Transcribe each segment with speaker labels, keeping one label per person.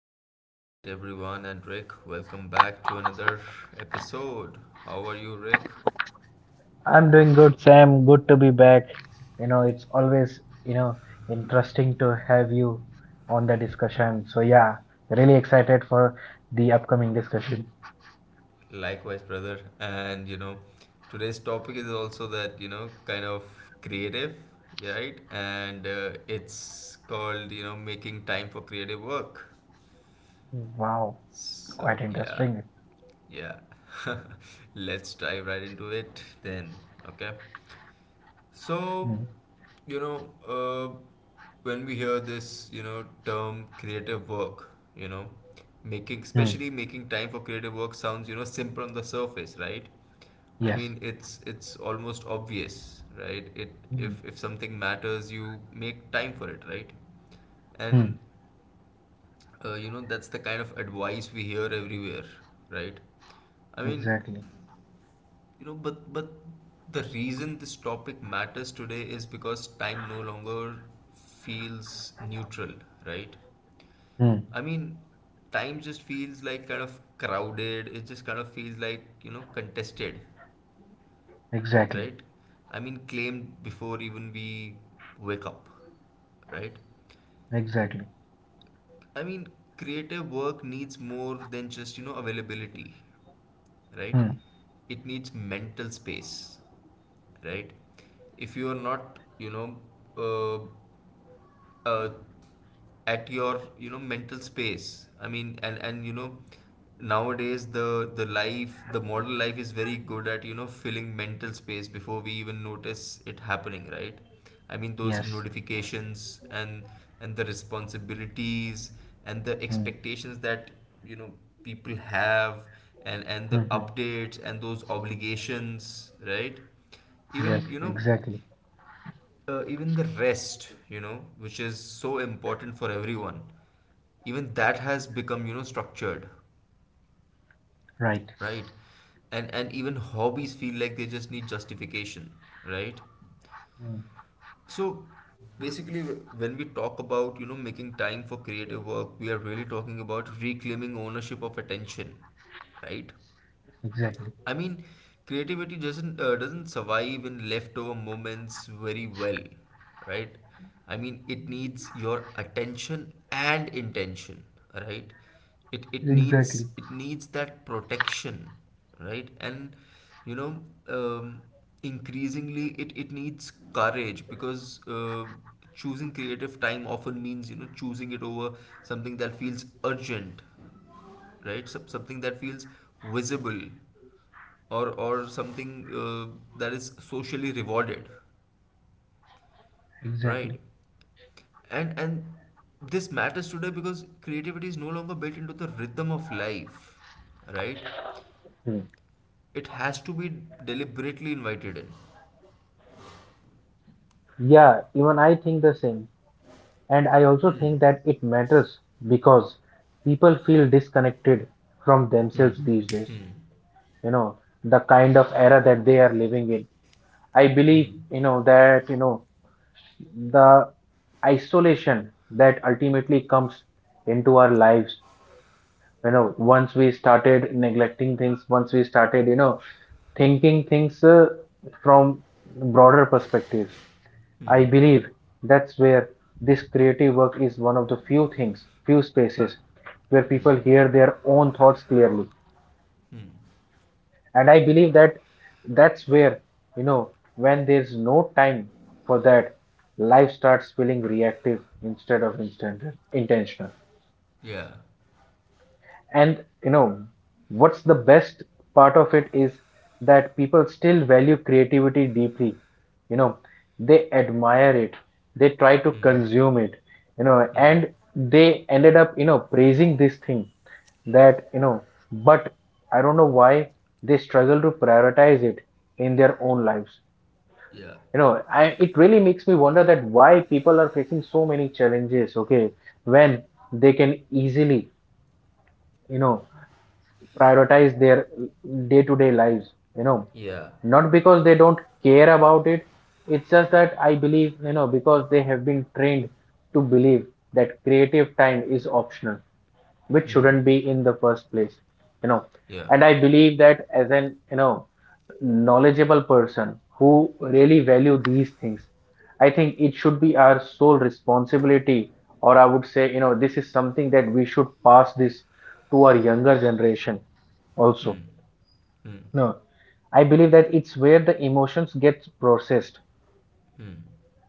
Speaker 1: All right, everyone, and Rick, welcome back to another episode. How are you, Rick?
Speaker 2: I'm doing good, Sam. Good to be back. It's always, interesting to have you on the discussion. Really excited for the upcoming discussion.
Speaker 1: Likewise, brother. And today's topic is also that kind of creative, right? And it's called making time for creative work.
Speaker 2: Wow,
Speaker 1: So,
Speaker 2: quite
Speaker 1: yeah,
Speaker 2: interesting.
Speaker 1: yeah, let's dive right into it then, okay? So,
Speaker 2: Mm.
Speaker 1: you know, uh, when we hear this, term creative work, you know, making,
Speaker 2: Mm.
Speaker 1: especially making time for creative work sounds, simple on the surface, right? I
Speaker 2: Yes.
Speaker 1: mean, it's almost obvious, right? It
Speaker 2: Mm.
Speaker 1: if something matters, you make time for it, right?
Speaker 2: Mm.
Speaker 1: And that's the kind of advice we hear everywhere, right? I mean,
Speaker 2: Exactly.
Speaker 1: but the reason this topic matters today is because time no longer feels neutral, right?
Speaker 2: Mm.
Speaker 1: I mean, time just feels like kind of crowded. It just kind of feels like, contested,
Speaker 2: Exactly.
Speaker 1: right? I mean, claimed before even we wake up, right?
Speaker 2: Exactly.
Speaker 1: I mean, creative work needs more than just, availability, right?
Speaker 2: Mm.
Speaker 1: It needs mental space, right? If you are not uh, uh, at your mental space. And you know Nowadays the life, the modern life, is very good at filling mental space before we even notice it happening, right? I mean, those
Speaker 2: Yes.
Speaker 1: notifications and the responsibilities and the
Speaker 2: Mm.
Speaker 1: expectations that you know people have, and the
Speaker 2: Mm-hmm.
Speaker 1: updates and those obligations, right?
Speaker 2: Yes,
Speaker 1: Even
Speaker 2: exactly.
Speaker 1: even the rest, which is so important for everyone, even that has become structured,
Speaker 2: Right.
Speaker 1: right? And even hobbies feel like they just need justification, right?
Speaker 2: Mm.
Speaker 1: So basically, when we talk about making time for creative work, we are really talking about reclaiming ownership of attention, right?
Speaker 2: Exactly.
Speaker 1: I mean, creativity doesn't survive in leftover moments very well, right? I mean, it needs your attention and intention, right? It
Speaker 2: Exactly.
Speaker 1: needs, it needs that protection, right? And you know, um, increasingly it needs courage, because choosing creative time often means choosing it over something that feels urgent, right? Something that feels visible, or something that is socially rewarded,
Speaker 2: Exactly.
Speaker 1: right? And this matters today because creativity is no longer built into the rhythm of life, right?
Speaker 2: Mm.
Speaker 1: It has to be deliberately invited in.
Speaker 2: Yeah, even I think the same. And I also
Speaker 1: Hmm.
Speaker 2: think that it matters because people feel disconnected from
Speaker 1: Hmm.
Speaker 2: themselves these days,
Speaker 1: Hmm.
Speaker 2: you know, the kind of era that they are living in. I believe,
Speaker 1: Hmm.
Speaker 2: the isolation that ultimately comes into our lives, once we started neglecting things, once we started, thinking things from broader perspectives. I
Speaker 1: Hmm.
Speaker 2: believe that's where this creative work is one of the few things, few spaces where
Speaker 1: Hmm.
Speaker 2: people hear their own thoughts clearly.
Speaker 1: Hmm.
Speaker 2: And I believe that that's where, you know, when there's no time for that, life starts feeling reactive instead of instant, intentional.
Speaker 1: Yeah.
Speaker 2: And you know what's the best part of it is that people still value creativity deeply. you know they admire it, they try to
Speaker 1: Hmm.
Speaker 2: consume it, you know
Speaker 1: Hmm.
Speaker 2: and they ended up praising this thing that you know But I don't know why they struggle to prioritize it in their own lives.
Speaker 1: Yeah.
Speaker 2: I, it really makes me wonder that why people are facing so many challenges. Okay, when they can easily you know prioritize their day to day lives, you know,
Speaker 1: Yeah.
Speaker 2: not because they don't care about it. It's just that I believe, because they have been trained to believe that creative time is optional, which
Speaker 1: Hmm.
Speaker 2: shouldn't be in the first place. you know
Speaker 1: Yeah.
Speaker 2: and I believe that as an, knowledgeable person who really value these things, I think it should be our sole responsibility, or I would say, this is something that we should pass this to our younger generation also.
Speaker 1: Hmm. Hmm.
Speaker 2: No, I believe that it's where the emotions get processed,
Speaker 1: Hmm.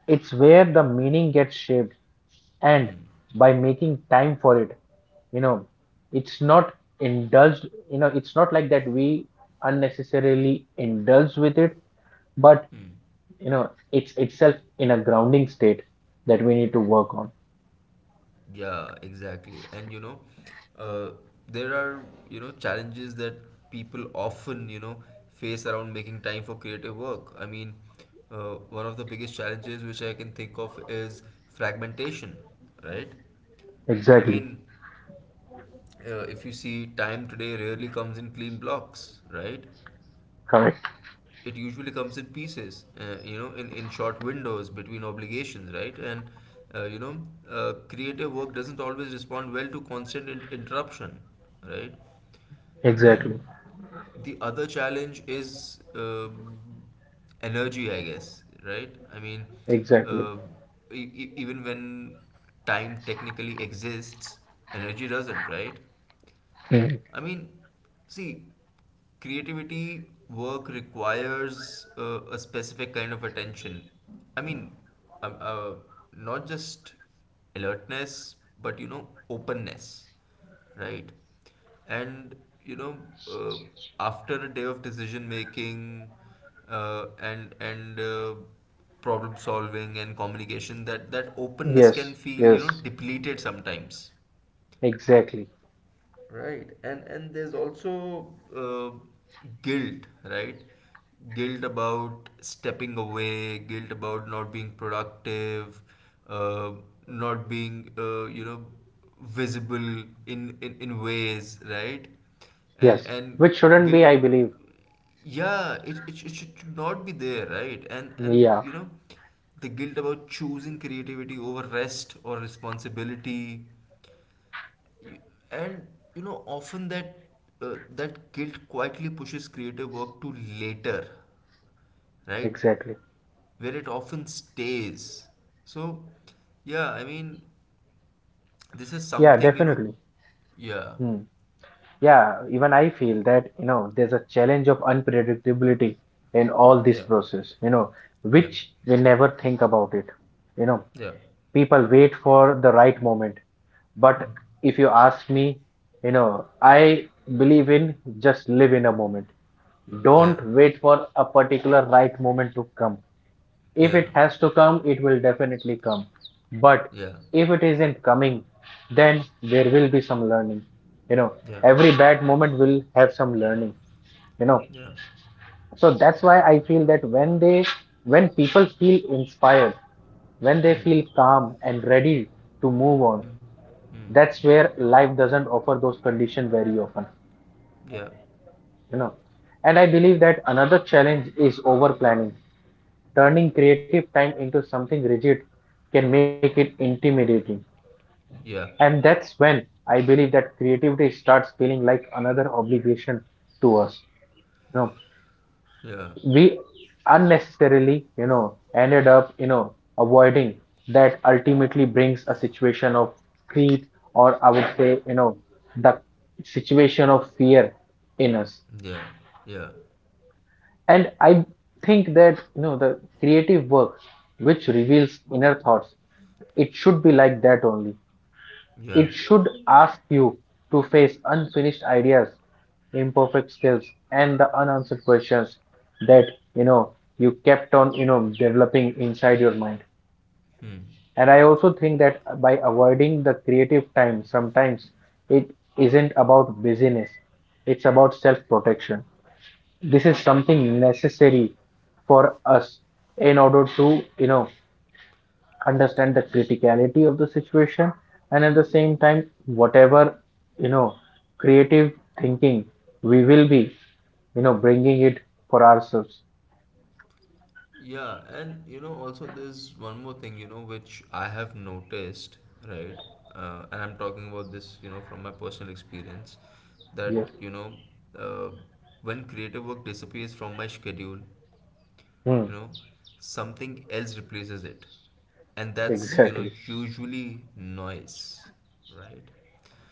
Speaker 2: it's where the meaning gets shaped, and
Speaker 1: Hmm.
Speaker 2: by making time for it, you know, it's not indulged, it's not like that we unnecessarily indulge with it, but
Speaker 1: Hmm.
Speaker 2: it's itself in a grounding state that we need to work on.
Speaker 1: Yeah, exactly. And uh, there are, challenges that people often, face around making time for creative work. I mean, one of the biggest challenges which I can think of is fragmentation, right? I
Speaker 2: Exactly.
Speaker 1: mean, if you see, time today rarely comes in clean blocks, right?
Speaker 2: Correct.
Speaker 1: It usually comes in pieces, in short windows between obligations, right? And, uh, you know, creative work doesn't always respond well to constant interruption, right?
Speaker 2: Exactly.
Speaker 1: And the other challenge is energy, I guess, right? I mean,
Speaker 2: Exactly.
Speaker 1: uh, even when time technically exists, energy doesn't, right?
Speaker 2: Mm.
Speaker 1: I mean, see, creativity work requires a specific kind of attention. I mean, um, uh, not just alertness, but openness, right? And you know, uh, after a day of decision making, and problem solving and communication, that that openness can
Speaker 2: Yes.
Speaker 1: feel
Speaker 2: Yes.
Speaker 1: depleted sometimes.
Speaker 2: Exactly.
Speaker 1: Right, and there's also uh, guilt, right? Guilt about stepping away, guilt about not being productive, uh, not being visible in, in ways, right? And
Speaker 2: Yes. Which shouldn't
Speaker 1: guilt,
Speaker 2: be, I
Speaker 1: ab-
Speaker 2: believe.
Speaker 1: yeah, it, it should not be there, right? And
Speaker 2: Yeah.
Speaker 1: you know the guilt about choosing creativity over rest or responsibility, you- and you know often that uh, that guilt quietly pushes creative work to later, right?
Speaker 2: Exactly.
Speaker 1: Where it often stays. So yeah, I mean, this is
Speaker 2: Yeah,
Speaker 1: something, you know.
Speaker 2: definitely.
Speaker 1: Yeah.
Speaker 2: Hmm. Yeah, even I feel that, there's a challenge of unpredictability in all this
Speaker 1: Yeah.
Speaker 2: process,
Speaker 1: Yeah.
Speaker 2: which we never think about it. You know,
Speaker 1: Yeah.
Speaker 2: people wait for the right moment. But if you ask me, I believe in just live in a moment. Don't wait for a particular right moment to come.
Speaker 1: Yeah.
Speaker 2: If
Speaker 1: Yeah.
Speaker 2: it has to come, it will definitely come. But
Speaker 1: Yeah.
Speaker 2: if it isn't coming, then there will be some learning. You know,
Speaker 1: Yeah.
Speaker 2: every bad moment will have some learning, you know.
Speaker 1: Yeah.
Speaker 2: So that's why I feel that when people feel inspired, when they
Speaker 1: Hmm.
Speaker 2: feel calm and ready to move on,
Speaker 1: Hmm. Hmm.
Speaker 2: that's where life doesn't offer those conditions very often,
Speaker 1: Yeah.
Speaker 2: you know. And I believe that another challenge is over planning. Turning creative time into something rigid can make it intimidating.
Speaker 1: Yeah.
Speaker 2: And that's when I believe that creativity starts feeling like another obligation to us. You know,
Speaker 1: Yeah.
Speaker 2: we unnecessarily, ended up, avoiding that ultimately brings a situation of greed, or I would say, the situation of fear in us.
Speaker 1: Yeah. Yeah.
Speaker 2: And I think that the creative work which reveals inner thoughts, it should be like that only.
Speaker 1: Yeah.
Speaker 2: It should ask you to face unfinished ideas, imperfect skills, and the unanswered questions that you know you kept on developing inside your mind.
Speaker 1: Hmm.
Speaker 2: And I also think that by avoiding the creative time, sometimes it isn't about busyness; it's about self-protection. This is something necessary for us in order to understand the criticality of the situation, and at the same time whatever you know creative thinking we will be bringing it for ourselves.
Speaker 1: Yeah, and also there's one more thing, which I have noticed, right? And I'm talking about this, from my personal experience,
Speaker 2: Yes.
Speaker 1: that, uh, when creative work disappears from my schedule,
Speaker 2: Hmm.
Speaker 1: you know something else replaces it, and that's
Speaker 2: Exactly.
Speaker 1: usually noise, right?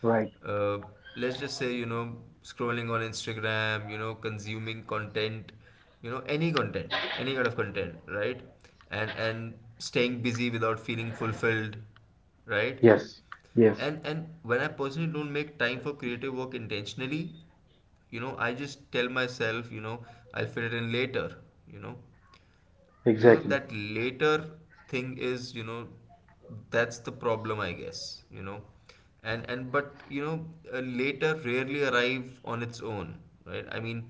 Speaker 2: Right.
Speaker 1: uh, let's just say, scrolling on Instagram, consuming content, any content, any kind of content, right? And staying busy without feeling fulfilled, right?
Speaker 2: Yes. Yes.
Speaker 1: And when I personally don't make time for creative work intentionally, I just tell myself, I'll fit it in later, you know
Speaker 2: Exactly.
Speaker 1: that later thing is, that's the problem, I guess, and but you know later rarely arrive on its own, right? I mean,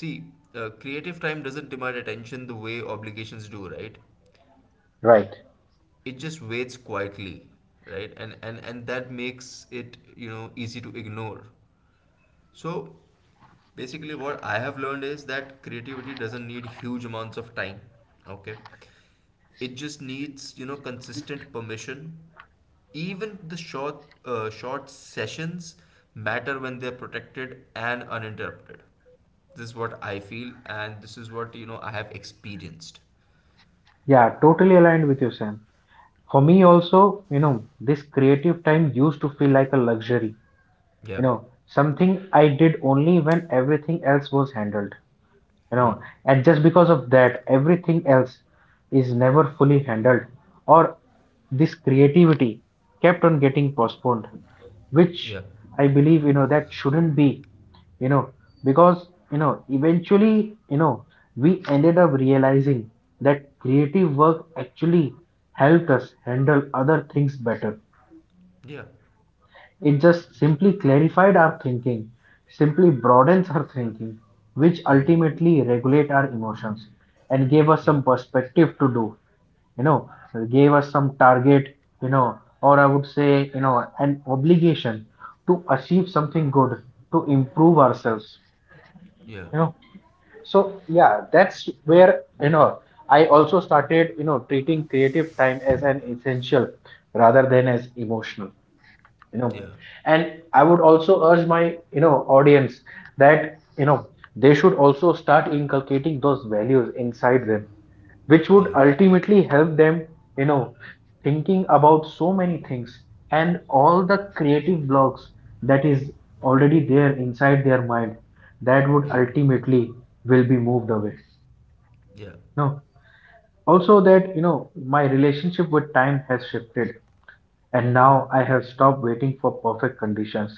Speaker 1: see, creative time doesn't demand attention the way obligations do, right?
Speaker 2: Right.
Speaker 1: It just waits quietly, right? And that makes it easy to ignore. So basically, what I have learned is that creativity doesn't need huge amounts of time, okay? It just needs, consistent permission. Even the short, short sessions matter when they're protected and uninterrupted. This is what I feel, and this is what you know I have experienced.
Speaker 2: Yeah, totally aligned with you, Sam. For me also, this creative time used to feel like a luxury,
Speaker 1: Yeah.
Speaker 2: you know something I did only when everything else was handled, you know
Speaker 1: Hmm.
Speaker 2: and just because of that everything else is never fully handled, or this creativity kept on getting postponed, which
Speaker 1: Yeah.
Speaker 2: I believe that shouldn't be, you know because eventually we ended up realizing that creative work actually helped us handle other things better.
Speaker 1: Yeah.
Speaker 2: It just simply clarified our thinking, simply broadens our thinking, which
Speaker 1: Hmm.
Speaker 2: ultimately regulate our emotions and gave us
Speaker 1: Yeah.
Speaker 2: some perspective to do, you know, gave us some target, or I would say, an obligation to achieve something good, to improve ourselves,
Speaker 1: Yeah.
Speaker 2: you know. So yeah, that's where, I also started, treating creative time as an essential rather than as emotional. you know
Speaker 1: Yeah.
Speaker 2: and I would also urge my, you know audience that, you know they should also start inculcating those values inside them which would
Speaker 1: Yeah.
Speaker 2: ultimately help them, you know thinking about so many things and all the creative blocks that is already there inside their mind that would
Speaker 1: Hmm.
Speaker 2: ultimately will be moved away.
Speaker 1: Yeah.
Speaker 2: No, also that my relationship with time has shifted and now I have stopped waiting for perfect conditions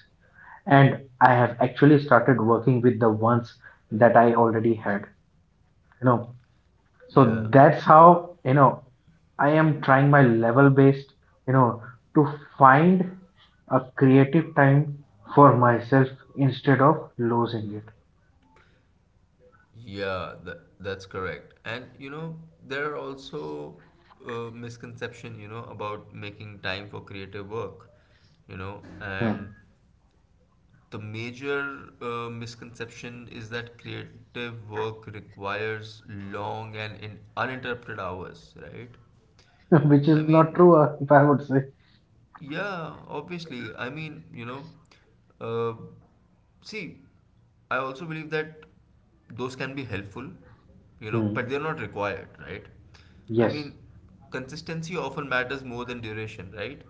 Speaker 2: and I have actually started working with the ones that I already had. You know, so
Speaker 1: Yeah.
Speaker 2: that's how, I am trying my level based, you know, to find a creative time for myself instead of losing it.
Speaker 1: Yeah, that's correct. And there are also misconception, about making time for creative work,
Speaker 2: Hmm.
Speaker 1: and the major misconception is that creative work requires long and in uninterrupted hours, right?
Speaker 2: Which
Speaker 1: I
Speaker 2: is not
Speaker 1: mean,
Speaker 2: true, if I would say.
Speaker 1: Yeah, obviously. I mean, uh, see, I also believe that those can be helpful,
Speaker 2: Hmm.
Speaker 1: but they're not required, right? I
Speaker 2: Yes,
Speaker 1: mean, consistency often matters more than duration, right?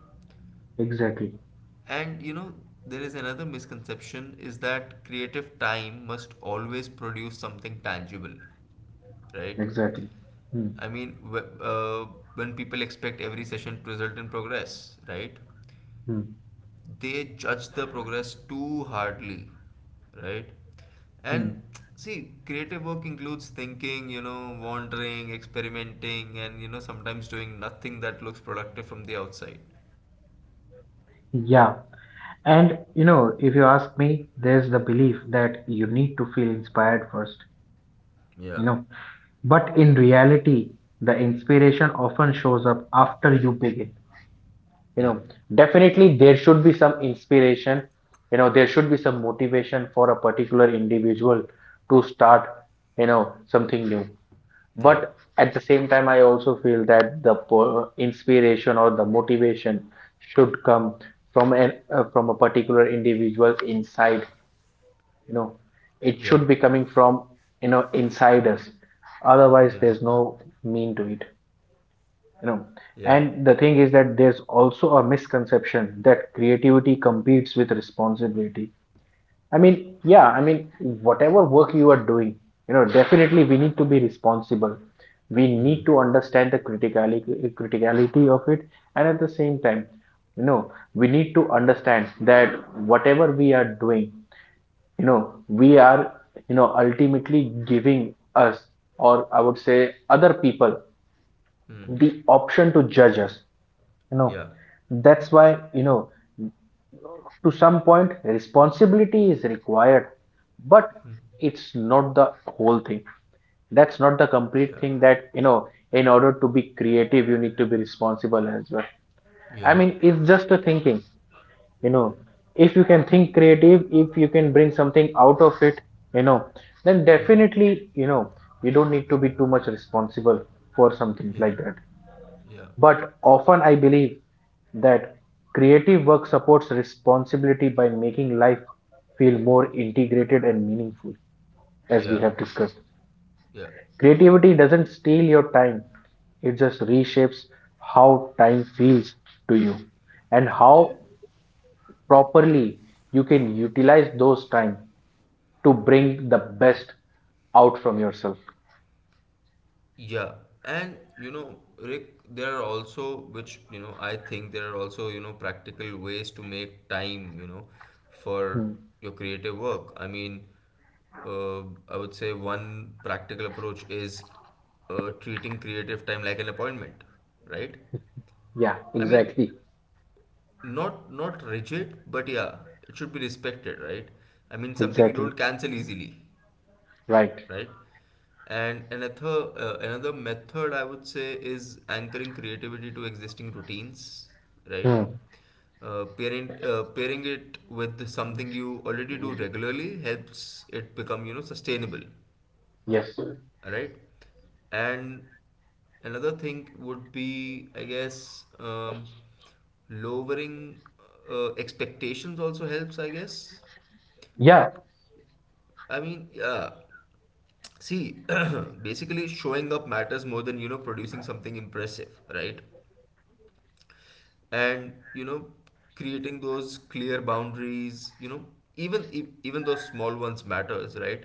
Speaker 2: exactly,
Speaker 1: And, there is another misconception is that creative time must always produce something tangible, right?
Speaker 2: exactly. Hmm.
Speaker 1: I mean, wh- uh, when people expect every session to result in progress, right?
Speaker 2: Hmm.
Speaker 1: They judge the progress too hardly, right? And
Speaker 2: Hmm.
Speaker 1: see, creative work includes thinking, you know, wandering, experimenting, and you know sometimes doing nothing that looks productive from the outside.
Speaker 2: Yeah. And if you ask me, there's the belief that you need to feel inspired first,
Speaker 1: Yeah.
Speaker 2: you know. But in reality, the inspiration often shows up after you begin, you
Speaker 1: Yeah.
Speaker 2: know. Definitely, there should be some inspiration, there should be some motivation for a particular individual to start, something new.
Speaker 1: Yeah.
Speaker 2: But at the same time, I also feel that inspiration or the motivation should come from an from a particular individual inside, you know it
Speaker 1: Yeah.
Speaker 2: should be coming from, inside us, otherwise
Speaker 1: Yeah.
Speaker 2: there's no mean to it, you know
Speaker 1: Yeah.
Speaker 2: and the thing is that there's also a misconception that creativity competes with responsibility. I mean, yeah, I mean whatever work you are doing, definitely we need to be responsible, we
Speaker 1: Hmm.
Speaker 2: need to understand the criticality of it, and at the same time, we need to understand that whatever we are doing, we are, ultimately giving us, or I would say, other people
Speaker 1: Hmm.
Speaker 2: the option to judge us, you know
Speaker 1: Yeah.
Speaker 2: that's why, to some point responsibility is required, but
Speaker 1: Hmm.
Speaker 2: it's not the whole thing. That's not the complete
Speaker 1: Yeah.
Speaker 2: thing that, in order to be creative you need to be responsible as well. I
Speaker 1: Yeah.
Speaker 2: mean, it's just a thinking, you know if you can think creative, if you can bring something out of it, you know then
Speaker 1: Hmm.
Speaker 2: definitely, you don't need to be too much responsible for something
Speaker 1: Yeah.
Speaker 2: like that.
Speaker 1: Yeah.
Speaker 2: But often I believe that creative work supports responsibility by making life feel more integrated and meaningful, as we
Speaker 1: Yeah.
Speaker 2: have discussed.
Speaker 1: Yeah.
Speaker 2: Creativity doesn't steal your time, it just reshapes how time feels to you, and how properly you can utilize those time to bring the best out from yourself.
Speaker 1: Yeah, and Rick, there are also, which I think there are also, practical ways to make time, for
Speaker 2: Hmm.
Speaker 1: your creative work. I mean, uh, I would say one practical approach is treating creative time like an appointment, right?
Speaker 2: Yeah,
Speaker 1: I mean,
Speaker 2: exactly.
Speaker 1: not rigid, but yeah, it should be respected, right? I mean, something you
Speaker 2: Exactly.
Speaker 1: don't cancel easily,
Speaker 2: Right.
Speaker 1: right? And another method I would say is anchoring creativity to existing routines, right?
Speaker 2: Hmm.
Speaker 1: Parent Pairing it with something you already do regularly helps it become sustainable,
Speaker 2: Yes.
Speaker 1: right? And another thing would be, I guess, lowering expectations also helps, I guess.
Speaker 2: Yeah,
Speaker 1: I mean, yeah. See, basically showing up matters more than, producing something impressive, right? And, creating those clear boundaries, even even those small ones matters, right?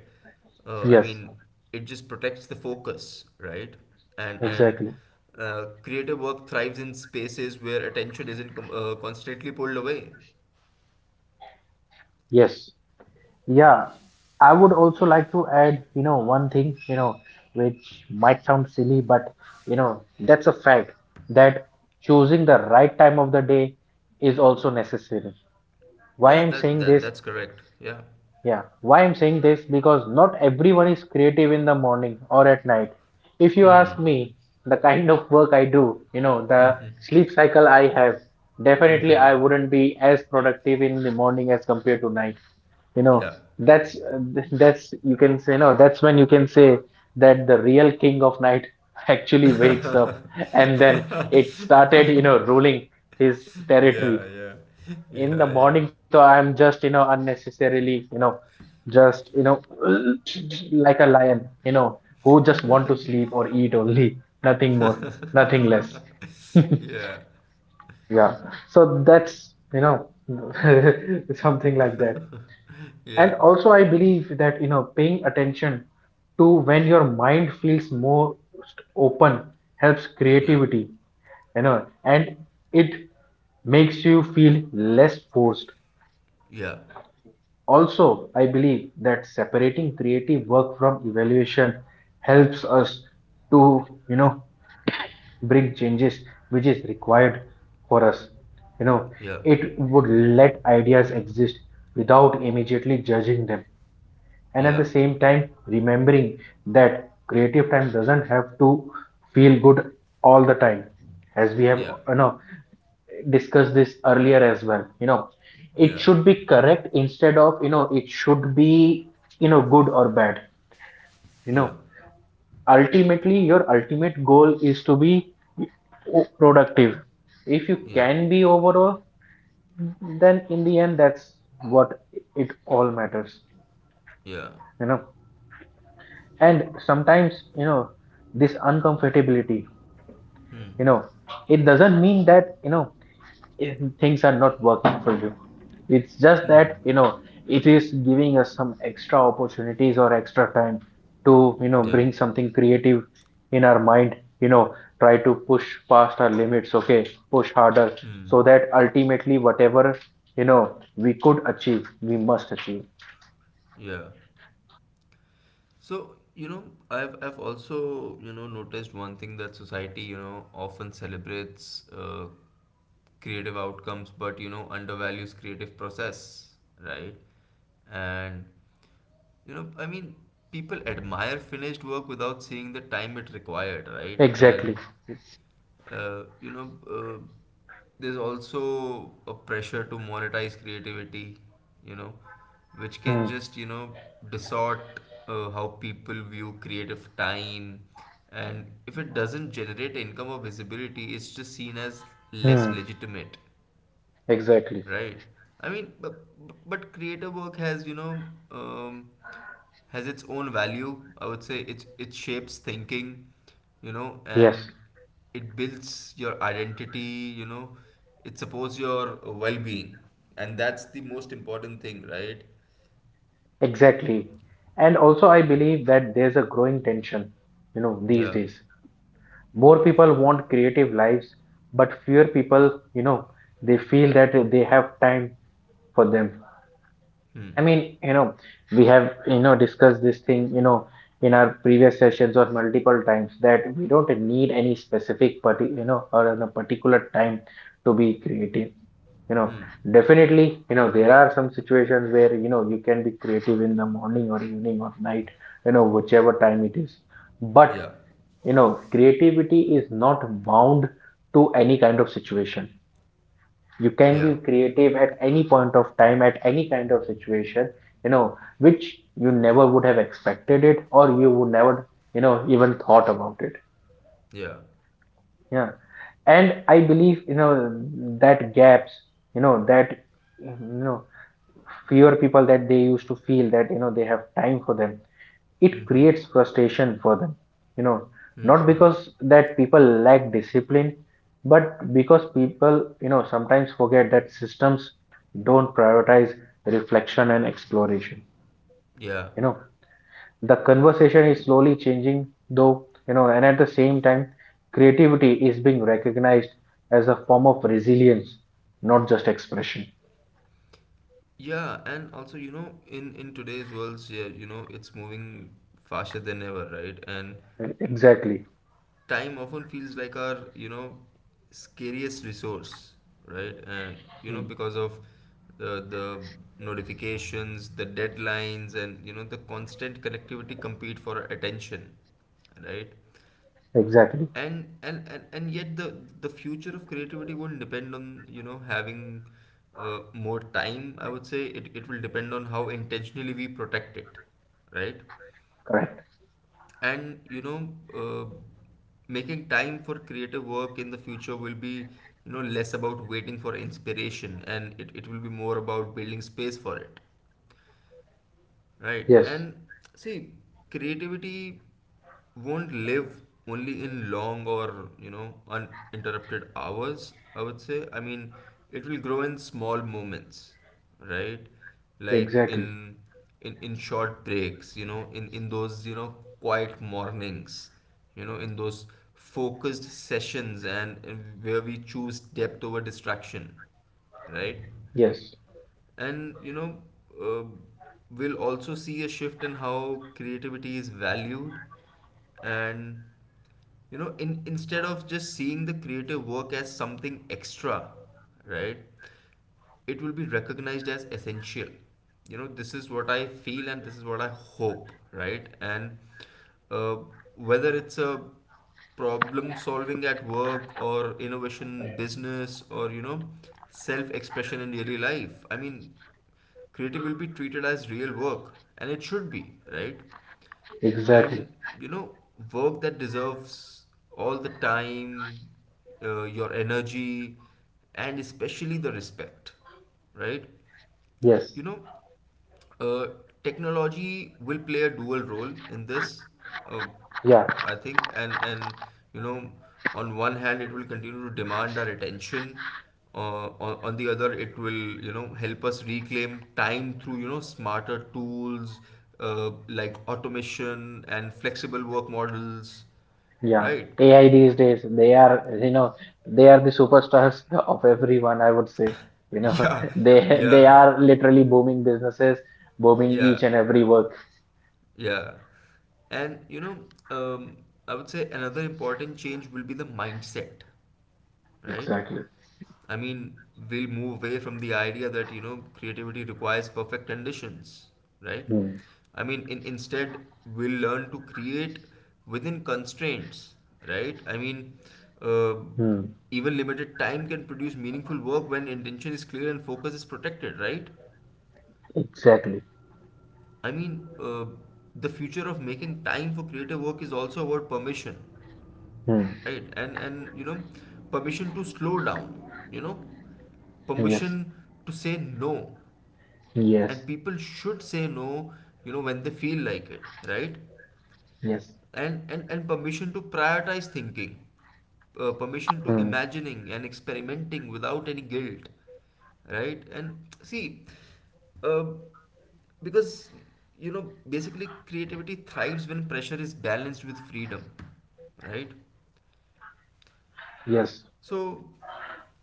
Speaker 1: I
Speaker 2: yes,
Speaker 1: mean, it just protects the focus, right? And
Speaker 2: exactly.
Speaker 1: Creative work thrives in spaces where attention isn't constantly pulled away.
Speaker 2: Yes. Yeah. I would also like to add, one thing, which might sound silly, but that's a fact that choosing the right time of the day is also necessary. Why
Speaker 1: Yeah,
Speaker 2: I'm
Speaker 1: that
Speaker 2: saying
Speaker 1: that
Speaker 2: this.
Speaker 1: that's correct. Yeah.
Speaker 2: Yeah, why I'm saying this because not everyone is creative in the morning or at night. If you ask me, the kind of work I do, the sleep cycle I have, definitely I wouldn't be as productive in the morning as compared to night. You know,
Speaker 1: Yeah.
Speaker 2: that's that's you can say no, that's when you can say that the real king of night actually wakes up and then it started, ruling his
Speaker 1: Yeah,
Speaker 2: territory
Speaker 1: yeah.
Speaker 2: in the morning. So I'm just, unnecessarily, just like a lion, who just want to sleep or eat only nothing more, nothing less.
Speaker 1: Yeah,
Speaker 2: Yeah, so that's, something like that. And
Speaker 1: yeah.
Speaker 2: also I believe that paying attention to when your mind feels most open helps
Speaker 1: Yeah,
Speaker 2: creativity, and it makes you feel less forced.
Speaker 1: yeah.
Speaker 2: Also, I believe that separating creative work from evaluation helps us to, bring changes which is required for us. You know,
Speaker 1: Yeah,
Speaker 2: it would let ideas exist without immediately judging them, and at the
Speaker 1: yeah.
Speaker 2: same time remembering that creative time doesn't have to feel good all the time, as we have
Speaker 1: Yeah,
Speaker 2: you know discussed this earlier as well. It
Speaker 1: yeah.
Speaker 2: should be correct instead of it should be good or bad you
Speaker 1: Yeah,
Speaker 2: know Ultimately, your ultimate goal is to be productive. If you
Speaker 1: yeah.
Speaker 2: can be overall, then in the end, that's what it all matters
Speaker 1: Yeah.
Speaker 2: you know and sometimes, this uncomfortability,
Speaker 1: Hmm.
Speaker 2: you know it doesn't mean that, if things are not working for you, it's just
Speaker 1: Hmm.
Speaker 2: that it is giving us some extra opportunities or extra time to
Speaker 1: Yeah.
Speaker 2: bring something creative in our mind you know Try to push past our limits. Okay, push harder
Speaker 1: Hmm.
Speaker 2: so that ultimately whatever, you know we could achieve we must achieve.
Speaker 1: Yeah. So you know, I've also you know noticed one thing, that society you know often celebrates creative outcomes, but you know undervalues creative process, right? And I mean, people admire finished work without seeing the time it required, right? And,
Speaker 2: Exactly.
Speaker 1: uh, you know, uh, there's also a pressure to monetize creativity, you know, which can
Speaker 2: Hmm.
Speaker 1: just, distort how people view creative time. And if it doesn't generate income or visibility, it's just seen as less
Speaker 2: Hmm.
Speaker 1: legitimate.
Speaker 2: Exactly.
Speaker 1: Right. I mean, but creative work has, um, has its own value. I would say it shapes thinking,
Speaker 2: Yes.
Speaker 1: and it builds your identity, you know, it supports your well-being, and that's the most important thing, right?
Speaker 2: Exactly. And also, I believe that there's a growing tension, these
Speaker 1: Yeah.
Speaker 2: days. More people want creative lives, but fewer people, they feel that they have time for them.
Speaker 1: Hmm.
Speaker 2: I mean, we have, discussed this thing, in our previous sessions or multiple times that we don't need any specific, or a particular time to be creative you know
Speaker 1: Hmm.
Speaker 2: Definitely, there are some situations where you can be creative in the morning or evening or night, whichever time it is, but
Speaker 1: Yeah.
Speaker 2: creativity is not bound to any kind of situation. You can
Speaker 1: Yeah.
Speaker 2: be creative at any point of time, at any kind of situation, which you never would have expected it, or you would never, even thought about it.
Speaker 1: Yeah.
Speaker 2: Yeah. And I believe, that gaps, that, you know fewer people that they used to feel that they have time for them,
Speaker 1: Hmm.
Speaker 2: it
Speaker 1: Hmm.
Speaker 2: creates frustration for them you know
Speaker 1: Hmm.
Speaker 2: Not
Speaker 1: Hmm.
Speaker 2: because that people lack discipline, but because people, sometimes forget that systems don't prioritize reflection and exploration.
Speaker 1: Yeah.
Speaker 2: you know the conversation is slowly changing though, and at the same time creativity is being recognized as a form of resilience, not just expression.
Speaker 1: Yeah, and also, in today's world, yeah, it's moving faster than ever, right? And
Speaker 2: Exactly.
Speaker 1: time often feels like our, scariest resource, right?
Speaker 2: Mm.
Speaker 1: Because of the notifications, the deadlines, and the constant connectivity compete for our attention, right?
Speaker 2: Exactly.
Speaker 1: And yet the future of creativity won't depend on, you know, having more time. I would say it will depend on how intentionally we protect it, right?
Speaker 2: Correct.
Speaker 1: And you know, uh, making time for creative work in the future will be, you know, less about waiting for inspiration, and it will be more about building space for it, right?
Speaker 2: Yes,
Speaker 1: And see, creativity won't live only in long or, you know, uninterrupted hours. I would say, I mean, it will grow in small moments, right? Like in
Speaker 2: exactly.
Speaker 1: in short breaks, you know, in those, you know, quiet mornings, you know, in those focused sessions, and where we choose depth over distraction, right?
Speaker 2: Yes,
Speaker 1: And you know, uh, we'll also see a shift in how creativity is valued. And you know, in instead of just seeing the creative work as something extra, right? It will be recognized as essential. You know, this is what I feel and this is what I hope, right? And uh, whether it's a problem solving at work, or innovation in business, or you know, self expression in daily life, I mean, creative will be treated as real work, and it should be, right?
Speaker 2: exactly.
Speaker 1: And you know, work that deserves all the time, your energy, and especially the respect, right?
Speaker 2: Yes,
Speaker 1: You know, uh, technology will play a dual role in this, uh,
Speaker 2: yeah,
Speaker 1: I think, and you know, on one hand, it will continue to demand our attention. On the other, it will, you know, help us reclaim time through, you know, smarter tools like automation and flexible work models,
Speaker 2: yeah.
Speaker 1: right?
Speaker 2: AI these days, they are the superstars of everyone, I would say. You know,
Speaker 1: Yeah,
Speaker 2: they
Speaker 1: yeah,
Speaker 2: are literally booming businesses, booming each
Speaker 1: yeah,
Speaker 2: and every work.
Speaker 1: yeah. And you know, um, I would say another important change will be the mindset, right?
Speaker 2: Exactly.
Speaker 1: I mean, we'll move away from the idea that, you know, creativity requires perfect conditions, right?
Speaker 2: Hmm.
Speaker 1: I mean, instead, we'll learn to create within constraints, right? I mean, uh,
Speaker 2: Hmm.
Speaker 1: even limited time can produce meaningful work when intention is clear and focus is protected, right?
Speaker 2: Exactly.
Speaker 1: I mean, the future of making time for creative work is also about permission,
Speaker 2: Hmm.
Speaker 1: right? And you know, permission to slow down, you know,
Speaker 2: Yes.
Speaker 1: permission to say no,
Speaker 2: Yes.
Speaker 1: and people should say no, you know, when they feel like it, right?
Speaker 2: Yes.
Speaker 1: And permission to prioritize thinking, permission to
Speaker 2: Hmm.
Speaker 1: imagining and experimenting without any guilt, right? And see, uh, because you know, basically creativity thrives when pressure is balanced with freedom, right?
Speaker 2: Yes.
Speaker 1: So,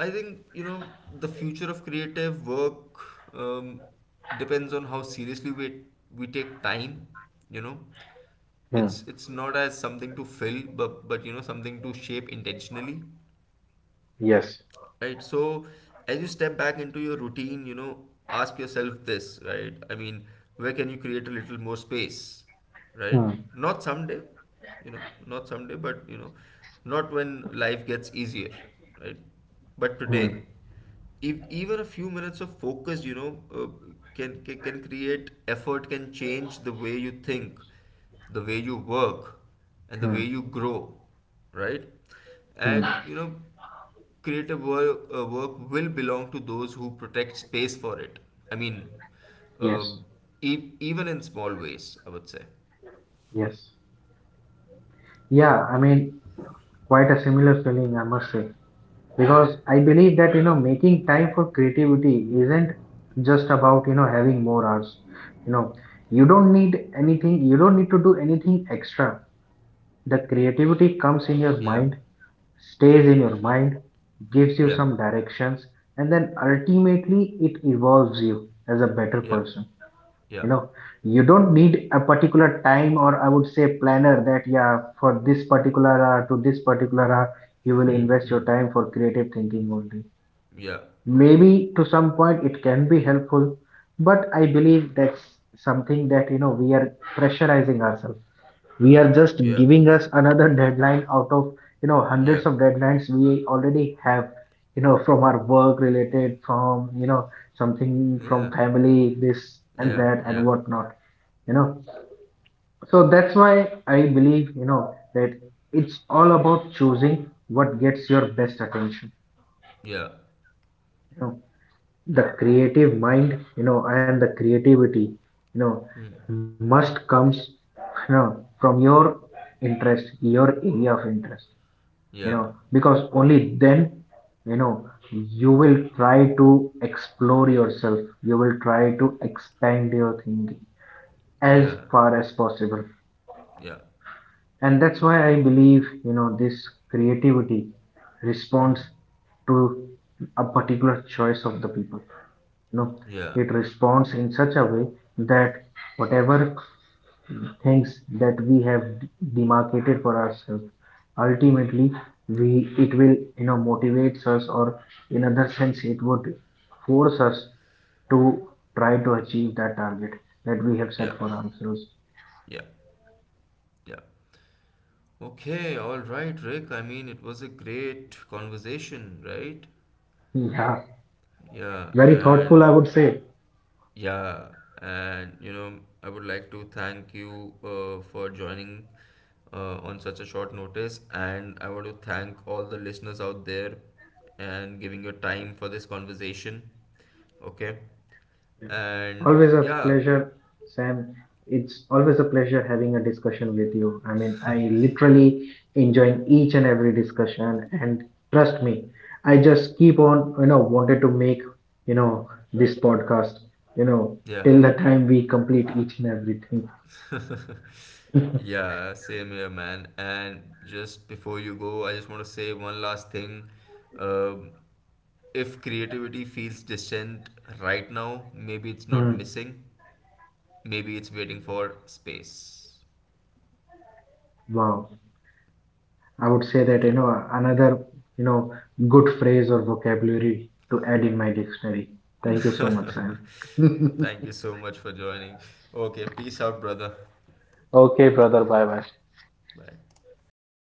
Speaker 1: I think, you know, the future of creative work um, depends on how seriously we take time. You know,
Speaker 2: Hmm.
Speaker 1: it's not as something to fill, but you know, something to shape intentionally,
Speaker 2: Yes.
Speaker 1: right? So as you step back into your routine, you know, ask yourself this, right? I mean, where can you create a little more space, right?
Speaker 2: Hmm.
Speaker 1: Not someday, you know, not someday, but you know, not when life gets easier, right? But today,
Speaker 2: Hmm.
Speaker 1: if even a few minutes of focus, you know, can create effort, can change the way you think, the way you work, and the
Speaker 2: Hmm.
Speaker 1: way you grow, right?
Speaker 2: Hmm.
Speaker 1: And you know, creative work, work will belong to those who protect space for it. I mean, uh,
Speaker 2: Yes.
Speaker 1: even in small ways, I would say.
Speaker 2: Yes. Yeah, I mean, quite a similar feeling, I must say,
Speaker 1: Yeah,
Speaker 2: because I believe that making time for creativity isn't just about having more hours. You know, you don't need anything. You don't need to do anything extra. The creativity comes in your
Speaker 1: yeah,
Speaker 2: mind,
Speaker 1: yeah,
Speaker 2: stays in your mind, gives you
Speaker 1: yeah,
Speaker 2: some directions, and then ultimately it evolves you as a better
Speaker 1: yeah,
Speaker 2: person
Speaker 1: yeah,
Speaker 2: you know you don't need a particular time, or I would say planner, that yeah, for this particular hour to this particular hour you will invest your time for creative thinking only.
Speaker 1: yeah,
Speaker 2: Maybe to some point it can be helpful, but I believe that's something that we are pressurizing ourselves. We are just
Speaker 1: yeah,
Speaker 2: giving us another deadline out of
Speaker 1: yeah,
Speaker 2: hundreds of deadlines we already have, from our work related, from something from
Speaker 1: yeah,
Speaker 2: family, this and
Speaker 1: yeah,
Speaker 2: that and whatnot you know so that's why I believe, that it's all about choosing what gets your best attention
Speaker 1: yeah,
Speaker 2: you know
Speaker 1: yeah,
Speaker 2: the
Speaker 1: yeah,
Speaker 2: creative mind, and the creativity, you know
Speaker 1: hmm,
Speaker 2: must comes, you know from your interest, your area of interest. you know
Speaker 1: yeah,
Speaker 2: because only then, you know you will try to explore yourself, you will try to expand your thinking as
Speaker 1: yeah,
Speaker 2: far as possible.
Speaker 1: yeah,
Speaker 2: And that's why I believe, this creativity responds
Speaker 1: hmm,
Speaker 2: to a particular choice of the people. you know
Speaker 1: yeah,
Speaker 2: it responds in such a way that whatever things that we have demarcated for ourselves, ultimately, we it will, motivates us, or in other sense, it would force us to try to achieve that target that we have set
Speaker 1: yeah,
Speaker 2: for ourselves.
Speaker 1: yeah, yeah. Okay, all right, Rick. I mean, it was a great conversation, right?
Speaker 2: Yeah,
Speaker 1: Yeah,
Speaker 2: very
Speaker 1: and
Speaker 2: thoughtful, I would say.
Speaker 1: yeah, and you know, I would like to thank you for joining on such a short notice, and I want to thank all the listeners out there and giving your time for this conversation. Okay,
Speaker 2: Yeah.
Speaker 1: and
Speaker 2: Always a
Speaker 1: yeah,
Speaker 2: pleasure, Sam. It's always a pleasure having a discussion with you. I mean, I literally enjoying each and every discussion, and trust me, I just keep on, wanted to make, this podcast, you know,
Speaker 1: yeah,
Speaker 2: till the time we complete each and everything.
Speaker 1: yeah, same here, man. And just before you go, I just want to say one last thing. Um, if creativity feels distant right now, maybe it's not
Speaker 2: Hmm.
Speaker 1: missing. Maybe it's waiting for space.
Speaker 2: Wow. I would say that,
Speaker 1: Yeah.
Speaker 2: another, you know, good phrase or vocabulary to add in my dictionary. Thank you so much, Sam.
Speaker 1: Thank you so much for joining. Okay, peace out, brother.
Speaker 2: Okay, brother. Bye bye.
Speaker 1: Bye.